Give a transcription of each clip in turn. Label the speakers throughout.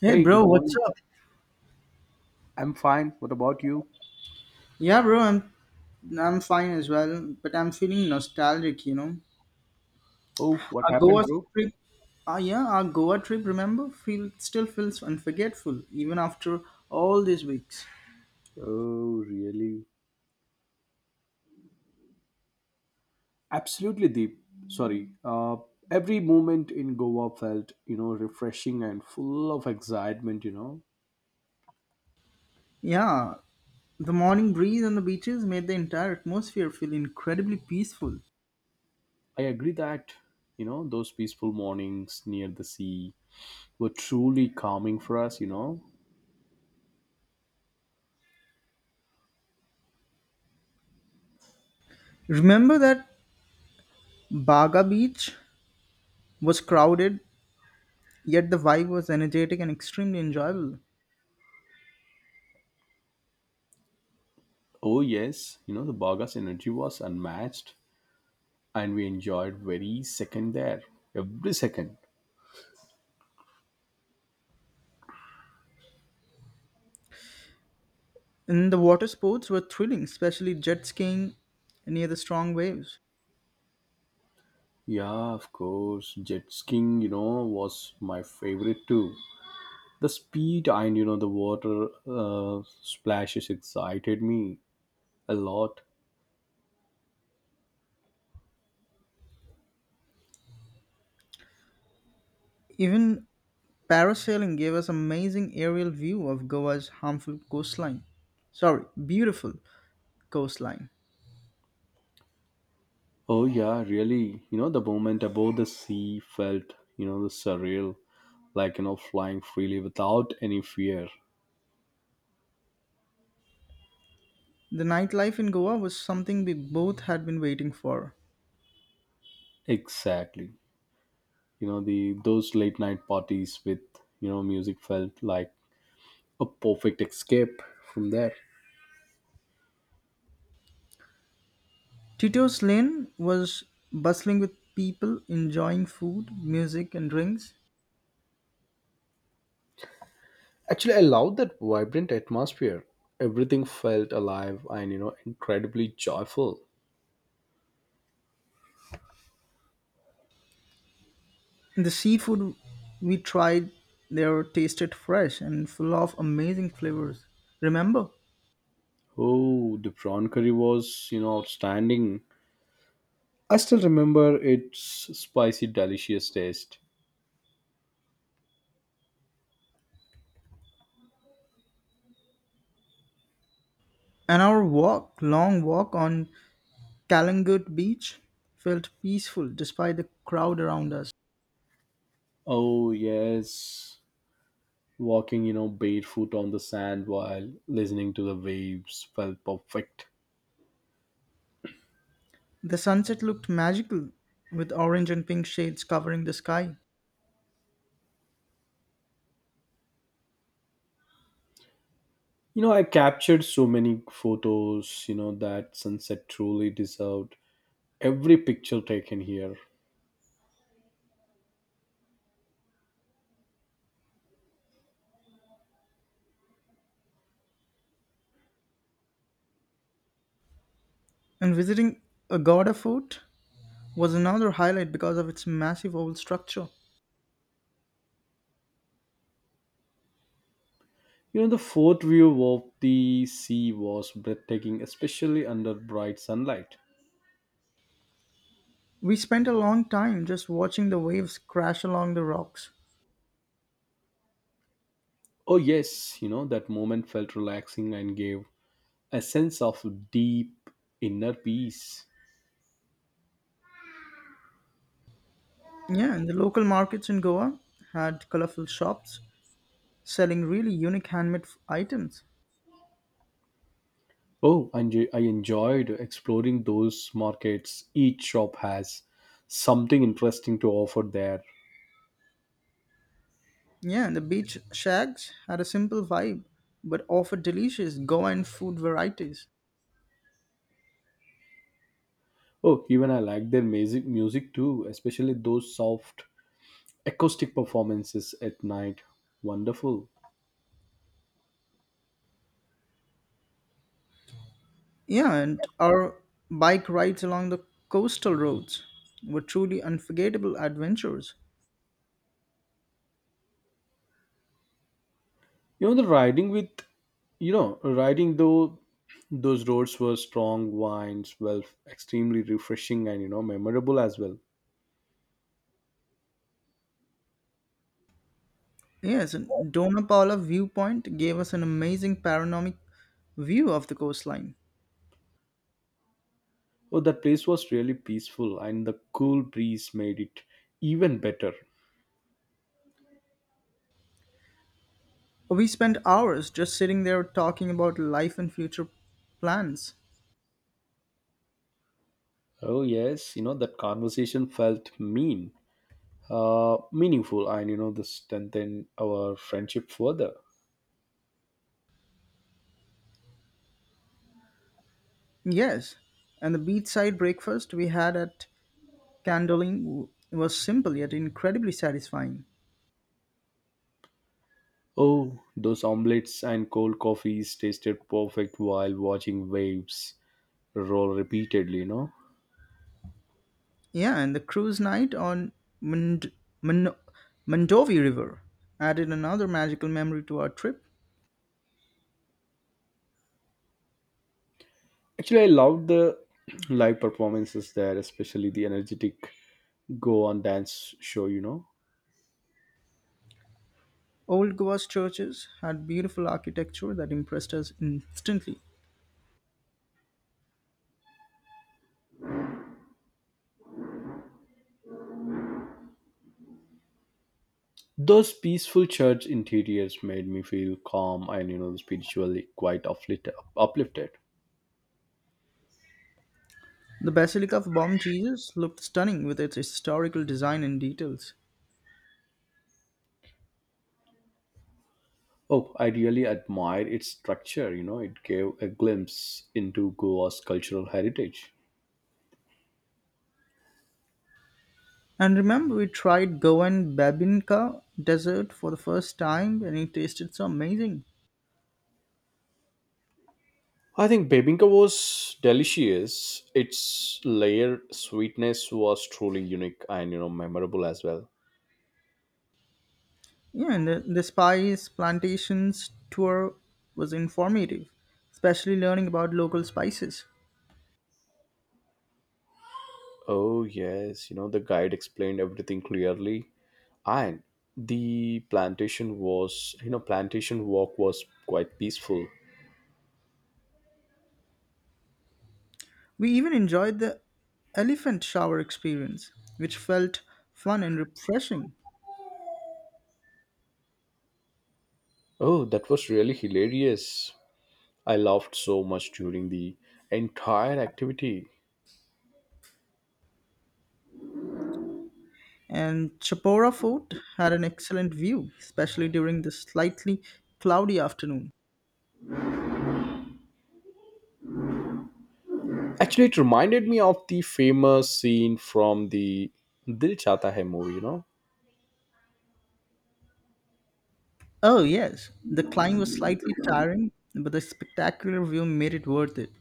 Speaker 1: Hey
Speaker 2: Hey, good
Speaker 1: bro, what's
Speaker 2: morning.
Speaker 1: up?
Speaker 2: I'm fine. What about you?
Speaker 1: Yeah, bro, I'm fine as well, but I'm feeling nostalgic, you know.
Speaker 2: Oh, what
Speaker 1: Our Goa
Speaker 2: happened, bro?
Speaker 1: trip, yeah, our Goa trip, remember, feel still feels unforgettable even after all these weeks.
Speaker 2: Oh, really? Absolutely, Deep. Sorry. Every moment in Goa felt refreshing and full of excitement.
Speaker 1: Yeah, the morning breeze on the beaches made the entire atmosphere feel incredibly peaceful.
Speaker 2: I agree that those peaceful mornings near the sea were truly calming for us.
Speaker 1: Remember that Baga Beach was crowded, yet the vibe was energetic and extremely enjoyable.
Speaker 2: Oh, yes, the Bagas energy was unmatched and we enjoyed every second there. Every second.
Speaker 1: And the water sports were thrilling, especially jet skiing near the strong waves.
Speaker 2: Yeah, of course. Jet skiing was my favorite too. The speed and the water splashes excited me a lot.
Speaker 1: Even parasailing gave us amazing aerial view of Goa's harmful coastline. Sorry, beautiful coastline.
Speaker 2: Oh, yeah, really. The moment above the sea felt the surreal, like, flying freely without any fear.
Speaker 1: The nightlife in Goa was something we both had been waiting for.
Speaker 2: Exactly. You know, the those late night parties with music felt like a perfect escape from there.
Speaker 1: Tito's Lane was bustling with people enjoying food, music, and drinks.
Speaker 2: Actually, I love that vibrant atmosphere. Everything felt alive and incredibly joyful.
Speaker 1: The seafood we tried there tasted fresh and full of amazing flavors. Remember?
Speaker 2: Oh, the prawn curry was outstanding. I still remember its spicy, delicious taste.
Speaker 1: And our walk, long walk on Calangut Beach felt peaceful despite the crowd around us.
Speaker 2: Oh yes, walking barefoot on the sand while listening to the waves felt perfect.
Speaker 1: The sunset looked magical with orange and pink shades covering the sky.
Speaker 2: I captured so many photos. That sunset truly deserved every picture taken here.
Speaker 1: And visiting Agoda Fort was another highlight because of its massive old structure.
Speaker 2: The fort view of the sea was breathtaking, especially under bright sunlight.
Speaker 1: We spent a long time just watching the waves crash along the rocks.
Speaker 2: Oh, yes, that moment felt relaxing and gave a sense of deep inner peace.
Speaker 1: Yeah, and the local markets in Goa had colorful shops selling really unique handmade items.
Speaker 2: Oh, and I enjoyed exploring those markets. Each shop has something interesting to offer there.
Speaker 1: Yeah, and the beach shacks had a simple vibe but offered delicious Goan food varieties.
Speaker 2: Oh, even I like their music too, especially those soft acoustic performances at night. Wonderful.
Speaker 1: Yeah, and our bike rides along the coastal roads were truly unforgettable adventures.
Speaker 2: You know the riding with you know riding though those roads were strong wines well, extremely refreshing and memorable as well.
Speaker 1: Yes, and Dona Paula viewpoint gave us an amazing panoramic view of the coastline.
Speaker 2: Oh, that place was really peaceful, and the cool breeze made it even better.
Speaker 1: We spent hours just sitting there talking about life and future plans.
Speaker 2: Oh yes, that conversation felt meaningful and this strengthened our friendship further.
Speaker 1: Yes, and the beachside breakfast we had at Candoline was simple yet incredibly satisfying.
Speaker 2: Oh, those omelets and cold coffees tasted perfect while watching waves roll repeatedly.
Speaker 1: Yeah, and the cruise night on Mond- Mon- Mondovi River added another magical memory to our trip.
Speaker 2: Actually, I loved the live performances there, especially the energetic go on dance show.
Speaker 1: Old Goa's churches had beautiful architecture that impressed us instantly.
Speaker 2: Those peaceful church interiors made me feel calm and spiritually quite uplifted.
Speaker 1: The Basilica of Bom Jesus looked stunning with its historical design and details.
Speaker 2: Oh, I really admire its structure. It gave a glimpse into Goa's cultural heritage.
Speaker 1: And remember, we tried Goan Babinka dessert for the first time and it tasted so amazing.
Speaker 2: I think Bebinka was delicious. Its layered sweetness was truly unique and memorable as well.
Speaker 1: Yeah, and the spice plantations tour was informative, especially learning about local spices.
Speaker 2: Oh, yes, the guide explained everything clearly. And the plantation walk was quite peaceful.
Speaker 1: We even enjoyed the elephant shower experience, which felt fun and refreshing.
Speaker 2: Oh, that was really hilarious. I laughed so much during the entire activity.
Speaker 1: And Chapora Fort had an excellent view, especially during the slightly cloudy afternoon.
Speaker 2: Actually, it reminded me of the famous scene from the Dil Chata Hai movie, you know?
Speaker 1: Oh, yes, the climb was slightly tiring, but the spectacular view made it worth it.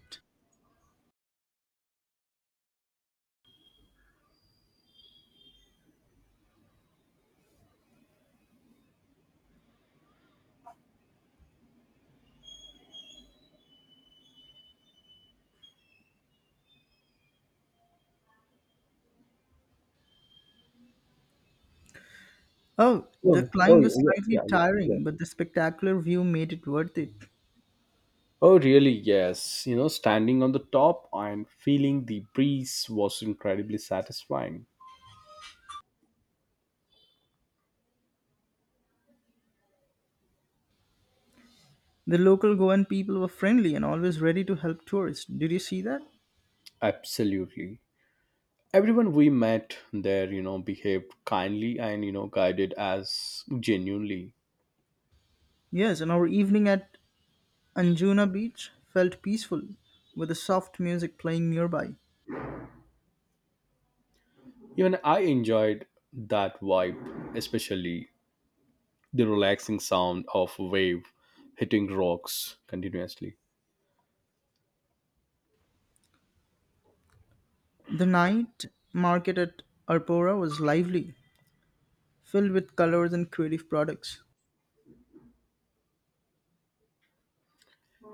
Speaker 1: Oh, the
Speaker 2: Oh,
Speaker 1: climb
Speaker 2: oh
Speaker 1: was
Speaker 2: yeah,
Speaker 1: slightly
Speaker 2: yeah, yeah, yeah.
Speaker 1: tiring, but the spectacular view made it worth it.
Speaker 2: Oh, really? Yes. Standing on the top and feeling the breeze was incredibly satisfying.
Speaker 1: The local Goan people were friendly and always ready to help tourists. Did you see that?
Speaker 2: Absolutely. Everyone we met there behaved kindly and guided us genuinely.
Speaker 1: Yes, and our evening at Anjuna Beach felt peaceful with the soft music playing nearby.
Speaker 2: Even I enjoyed that vibe, especially the relaxing sound of wave hitting rocks continuously.
Speaker 1: The night market at Arpora was lively, filled with colors and creative products.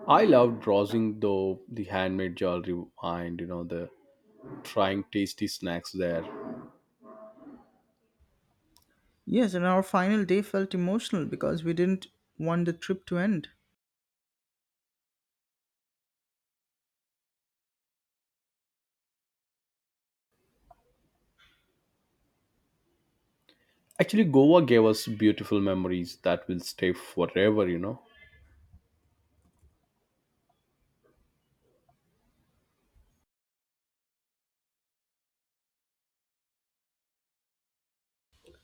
Speaker 2: I loved browsing though the handmade jewelry and the trying tasty snacks there.
Speaker 1: Yes, and our final day felt emotional because we didn't want the trip to end.
Speaker 2: Actually, Goa gave us beautiful memories that will stay forever.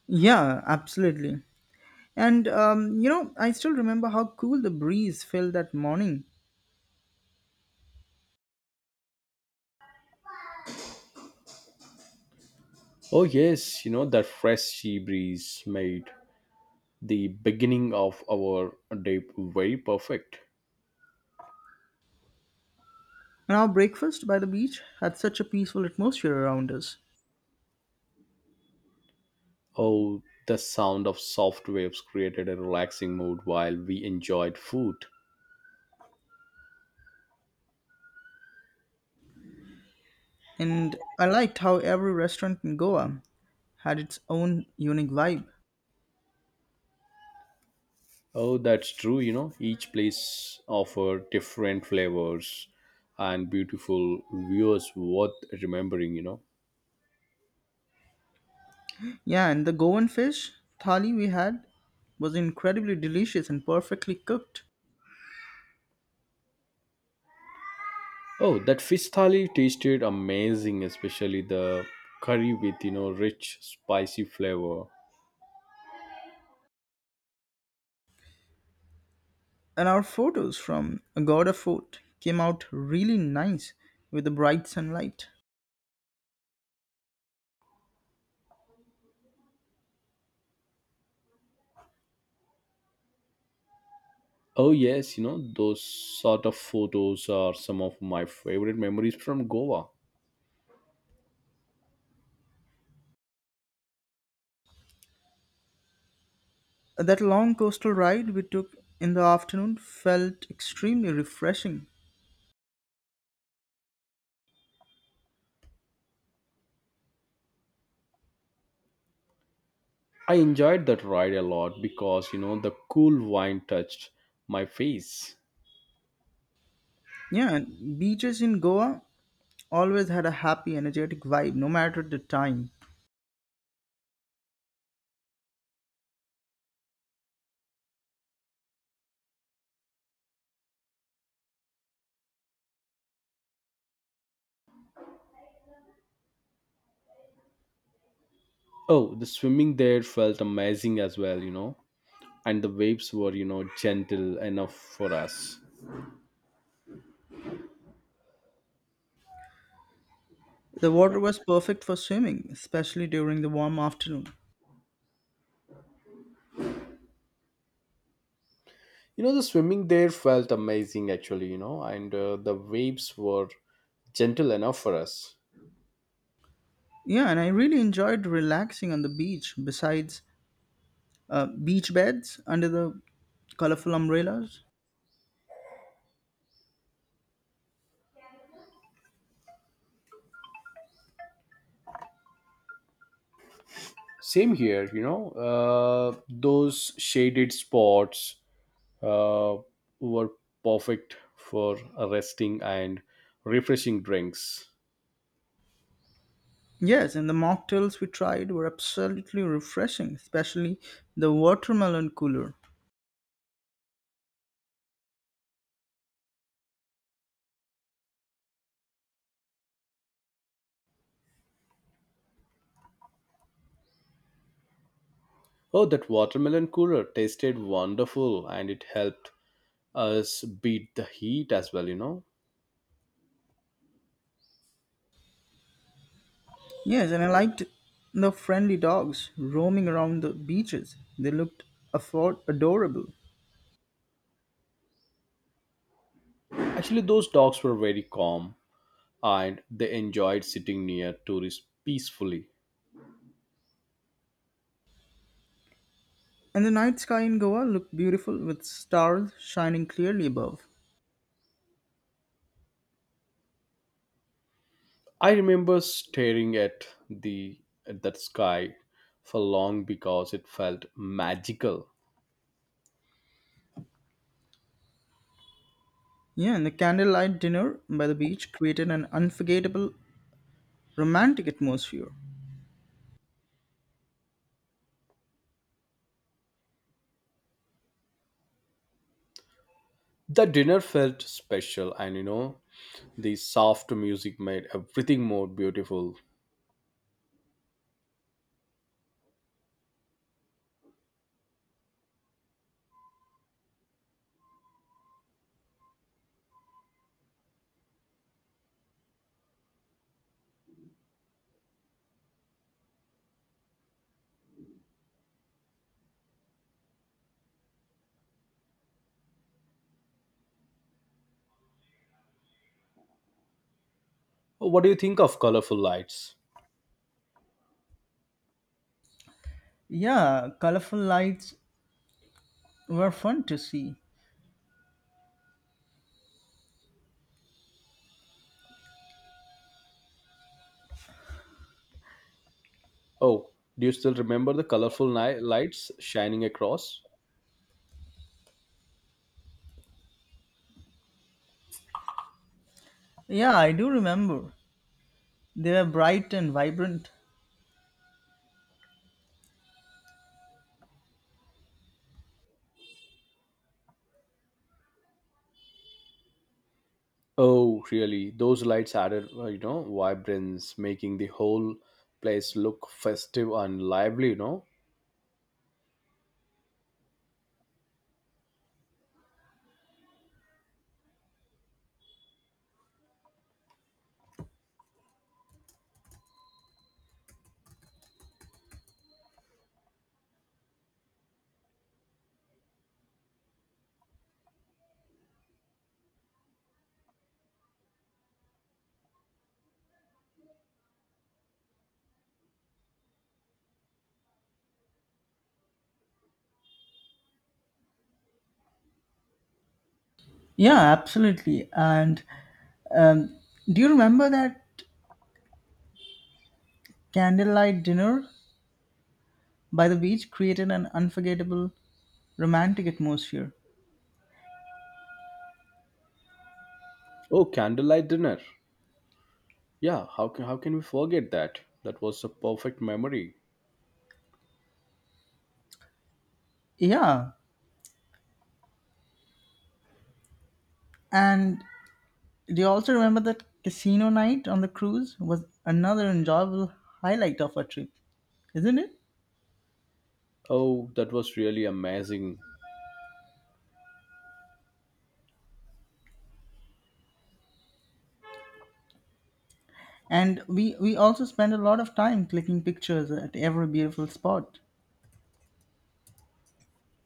Speaker 1: Yeah, absolutely. I still remember how cool the breeze felt that morning.
Speaker 2: Oh yes, that fresh sea breeze made the beginning of our day very perfect.
Speaker 1: And our breakfast by the beach had such a peaceful atmosphere around us.
Speaker 2: Oh, the sound of soft waves created a relaxing mood while we enjoyed food.
Speaker 1: And I liked how every restaurant in Goa had its own unique vibe.
Speaker 2: Oh, that's true, each place offer different flavors and beautiful views worth remembering.
Speaker 1: Yeah, and the Goan fish thali we had was incredibly delicious and perfectly cooked.
Speaker 2: Oh, that fish thali tasted amazing, especially the curry with rich spicy flavor.
Speaker 1: And our photos from Agoda Fort came out really nice with the bright sunlight.
Speaker 2: Oh yes, those sort of photos are some of my favorite memories from Goa.
Speaker 1: That long coastal ride we took in the afternoon felt extremely refreshing.
Speaker 2: I enjoyed that ride a lot because the cool wine touched my face.
Speaker 1: Yeah, and beaches in Goa always had a happy, energetic vibe no matter the time.
Speaker 2: Oh, the swimming there felt amazing as well, and the waves were gentle enough for us.
Speaker 1: The water was perfect for swimming, especially during the warm afternoon.
Speaker 2: The swimming there felt amazing actually, and the waves were gentle enough for us.
Speaker 1: Yeah, and I really enjoyed relaxing on the beach besides beach beds under the colorful umbrellas.
Speaker 2: Same here, those shaded spots uh, were perfect for resting and refreshing drinks.
Speaker 1: Yes, and the mocktails we tried were absolutely refreshing, especially the watermelon cooler.
Speaker 2: Oh, that watermelon cooler tasted wonderful and it helped us beat the heat as well.
Speaker 1: Yes, and I liked the friendly dogs roaming around the beaches. They looked adorable.
Speaker 2: Actually, those dogs were very calm and they enjoyed sitting near tourists peacefully.
Speaker 1: And the night sky in Goa looked beautiful with stars shining clearly above.
Speaker 2: I remember staring at that sky for long because it felt magical.
Speaker 1: Yeah, and the candlelight dinner by the beach created an unforgettable romantic atmosphere.
Speaker 2: The dinner felt special and you know The soft music made everything more beautiful. Oh, what do you think of colorful lights?
Speaker 1: Yeah, colorful lights were fun to see.
Speaker 2: Oh, do you still remember the colorful lights shining across?
Speaker 1: Yeah, I do remember. They were bright and vibrant.
Speaker 2: Oh, really? Those lights added vibrance, making the whole place look festive and lively, you know?
Speaker 1: Yeah, absolutely. And um, do you remember that candlelight dinner by the beach created an unforgettable romantic atmosphere?
Speaker 2: Oh, candlelight dinner. Yeah, how can we forget that? That was a perfect memory.
Speaker 1: Yeah. And do you also remember that casino night on the cruise was another enjoyable highlight of our trip, isn't it?
Speaker 2: Oh, that was really amazing.
Speaker 1: And we also spent a lot of time clicking pictures at every beautiful spot.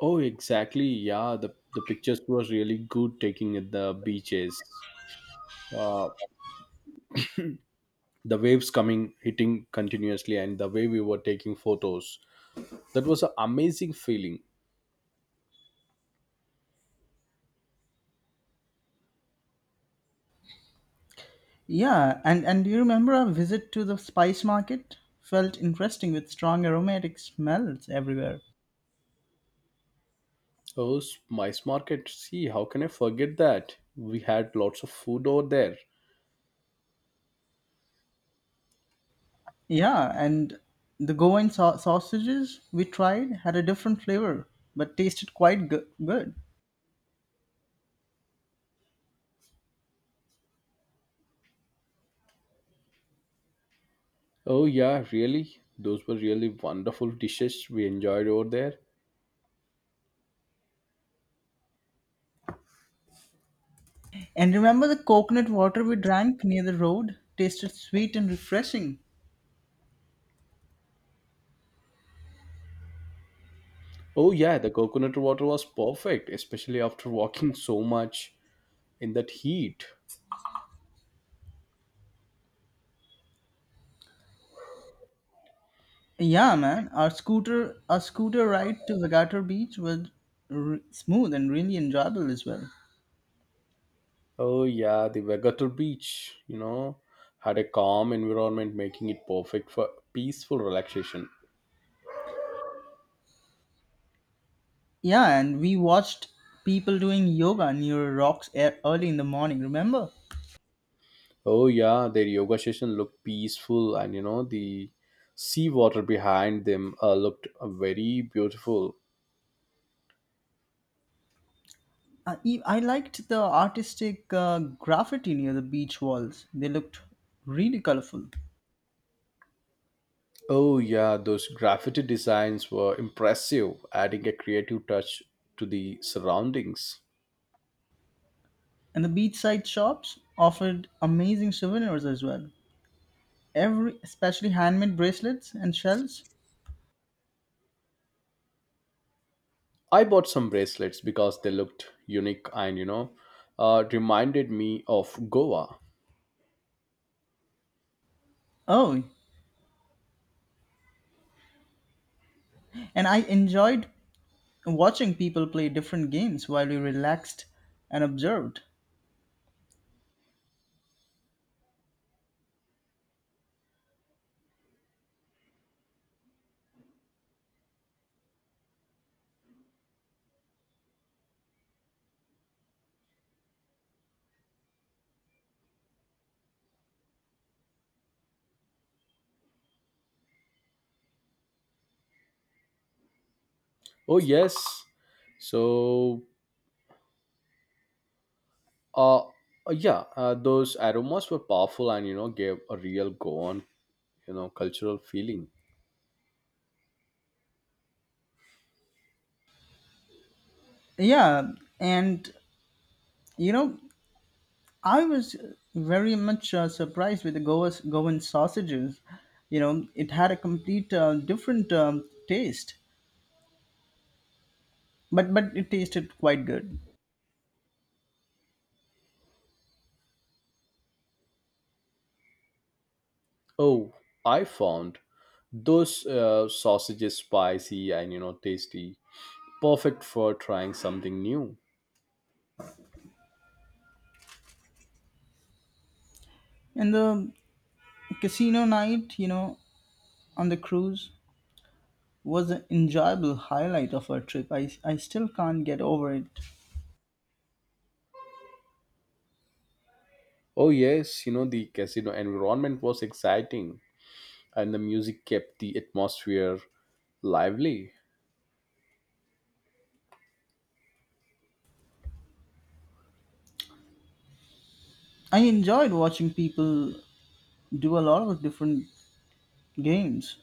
Speaker 2: Oh, exactly. Yeah, the pictures was really good taking at the beaches. uh, the waves coming hitting continuously and the way we were taking photos, that was an amazing feeling.
Speaker 1: Yeah, and do you remember our visit to the spice market? Felt interesting with strong aromatic smells everywhere.
Speaker 2: Oh, mice market, see, how can I forget that? We had lots of food over there.
Speaker 1: Yeah, and the Goan sausages we tried had a different flavor, but tasted quite good.
Speaker 2: Oh yeah, really, those were really wonderful dishes we enjoyed over there.
Speaker 1: And remember the coconut water we drank near the road? Tasted sweet and refreshing.
Speaker 2: Oh yeah, the coconut water was perfect, especially after walking so much in that heat.
Speaker 1: Yeah, man, our scooter ride to Vagator Beach was smooth and really enjoyable as well.
Speaker 2: Oh yeah, the vegator beach had a calm environment, making it perfect for peaceful relaxation.
Speaker 1: Yeah, and we watched people doing yoga near rocks early in the morning, remember?
Speaker 2: Oh yeah, their yoga session looked peaceful, and the seawater behind them looked very beautiful.
Speaker 1: I liked the artistic graffiti near the beach walls. They looked really colorful.
Speaker 2: Oh yeah, those graffiti designs were impressive, adding a creative touch to the surroundings.
Speaker 1: And the beachside shops offered amazing souvenirs as well. Every Especially handmade bracelets and shells.
Speaker 2: I bought some bracelets because they looked unique and reminded me of Goa.
Speaker 1: Oh, and I enjoyed watching people play different games while we relaxed and observed.
Speaker 2: Oh yes. So uh uh, yeah, uh, those aromas were powerful and gave a real Goan cultural feeling.
Speaker 1: Yeah, and you know, I was very much surprised with the Goa's Goan sausages. You know, it had a complete different taste, but it tasted quite good.
Speaker 2: Oh, I found those sausages spicy and tasty, perfect for trying something new.
Speaker 1: And the casino night, you know, on the cruise was an enjoyable highlight of our trip. I still can't get over it.
Speaker 2: Oh yes, the casino environment was exciting, and the music kept the atmosphere lively.
Speaker 1: I enjoyed watching people do a lot of different games.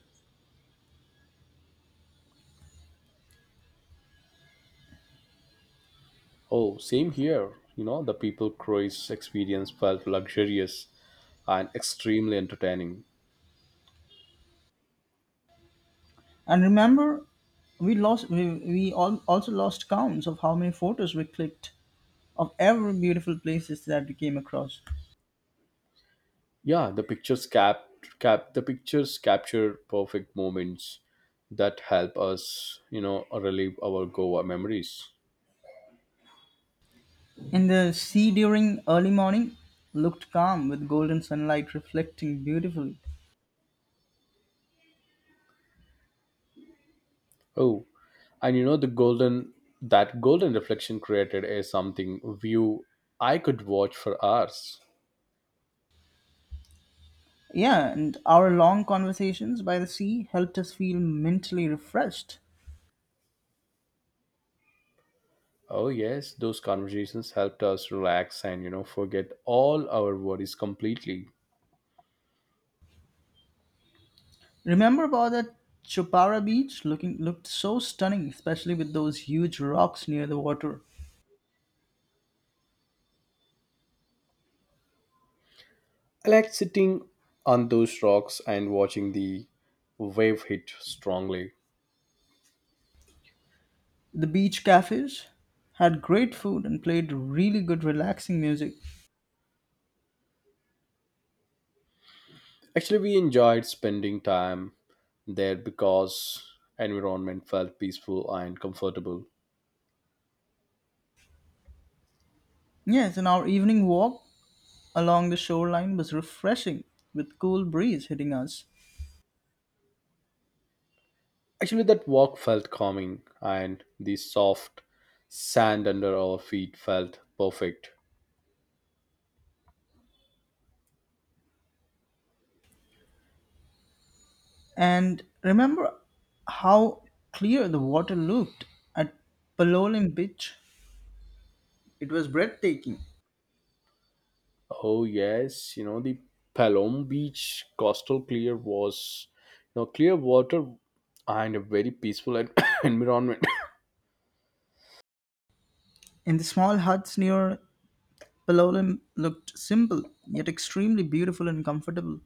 Speaker 2: Oh, same here. The people cruise experience felt luxurious and extremely entertaining.
Speaker 1: And remember, we all also lost counts of how many photos we clicked of every beautiful places that we came across.
Speaker 2: Yeah, the pictures capture perfect moments that help us relive our goa memories.
Speaker 1: And the sea during early morning looked calm with golden sunlight reflecting beautifully.
Speaker 2: Oh, and you know the golden that golden reflection created is something view I could watch for hours.
Speaker 1: Yeah, and our long conversations by the sea helped us feel mentally refreshed.
Speaker 2: Oh yes, those conversations helped us relax and forget all our worries completely.
Speaker 1: Remember about that Chopara beach looking looked so stunning, especially with those huge rocks near the water.
Speaker 2: I like sitting on those rocks and watching the wave hit strongly.
Speaker 1: The beach cafes had great food and played really good relaxing music.
Speaker 2: Actually, we enjoyed spending time there because environment felt peaceful and comfortable.
Speaker 1: Yes, and our evening walk along the shoreline was refreshing with cool breeze hitting us.
Speaker 2: Actually, that walk felt calming, and the soft sand under our feet felt perfect.
Speaker 1: And remember how clear the water looked at Palolim Beach? It was breathtaking.
Speaker 2: Oh yes, the Palom Beach coastal clear was clear water and a very peaceful environment.
Speaker 1: And the small huts near Palolim looked simple, yet extremely beautiful and comfortable.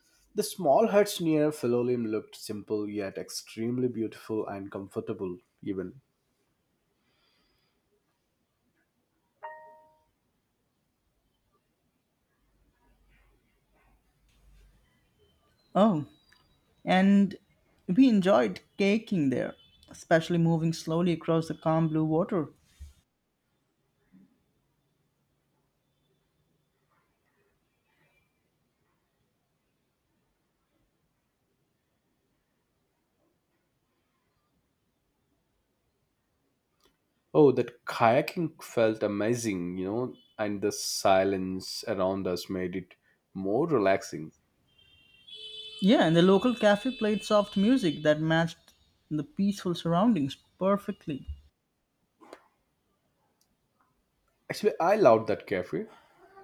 Speaker 2: The small huts near Philolim looked simple yet extremely beautiful and comfortable. Even.
Speaker 1: Oh, and we enjoyed kayaking there, especially moving slowly across the calm blue water.
Speaker 2: Oh, that kayaking felt amazing and the silence around us made it more relaxing.
Speaker 1: Yeah, and the local cafe played soft music that matched the peaceful surroundings perfectly.
Speaker 2: Actually, I loved that cafe,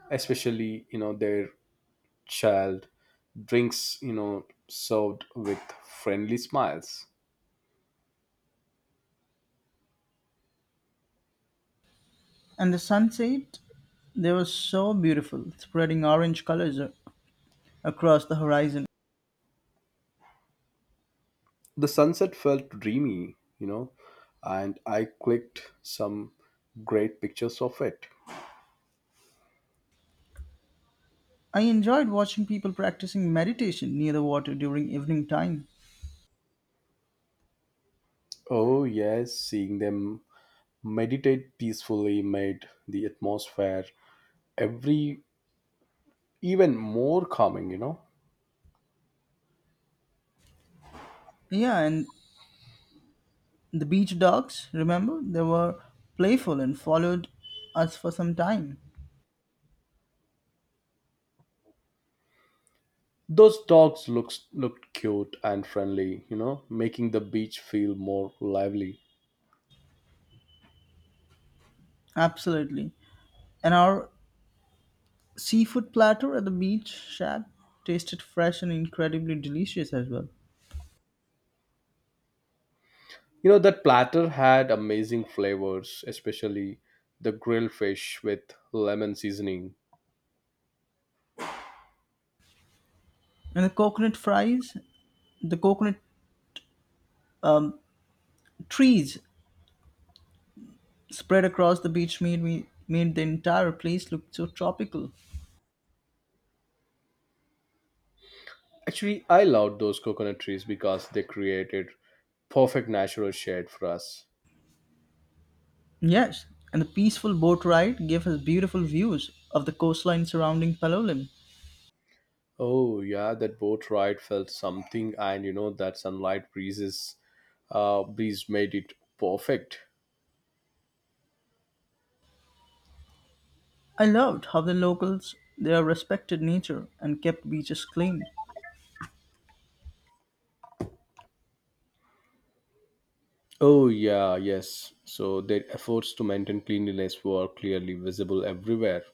Speaker 2: especially their child drinks served with friendly smiles.
Speaker 1: And the sunset, they were so beautiful, spreading orange colors across the horizon.
Speaker 2: The sunset felt dreamy and I clicked some great pictures of it.
Speaker 1: I enjoyed watching people practicing meditation near the water during evening time.
Speaker 2: Oh, yes, seeing them meditate peacefully made the atmosphere every even more calming.
Speaker 1: Yeah, and the beach dogs, remember? They were playful and followed us for some time.
Speaker 2: Those dogs looks looked cute and friendly, making the beach feel more lively.
Speaker 1: Absolutely. And our seafood platter at the beach shack tasted fresh and incredibly delicious as well.
Speaker 2: That platter had amazing flavors, especially the grilled fish with lemon seasoning.
Speaker 1: And the coconut fries, the coconut trees spread across the beach made the entire place look so tropical.
Speaker 2: Actually, I loved those coconut trees because they created perfect natural shade for us.
Speaker 1: Yes, and the peaceful boat ride gave us beautiful views of the coastline surrounding Palolem.
Speaker 2: Oh yeah, that boat ride felt something and that sunlight breeze made it perfect.
Speaker 1: I loved how the locals there respected nature and kept beaches clean.
Speaker 2: Oh, yeah, yes. So their efforts to maintain cleanliness were clearly visible everywhere.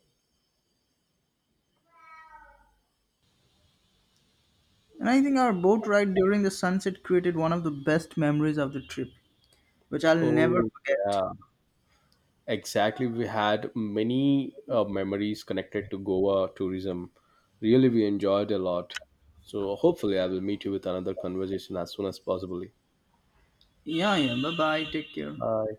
Speaker 1: And I think our boat ride during the sunset created one of the best memories of the trip, which I'll never
Speaker 2: Oh,
Speaker 1: forget.
Speaker 2: yeah. Exactly. We had many memories connected to Goa tourism. Really, we enjoyed a lot. So hopefully, I will meet you with another conversation as soon as possible.
Speaker 1: Yeah, yeah. Bye bye. Take care.
Speaker 2: Bye.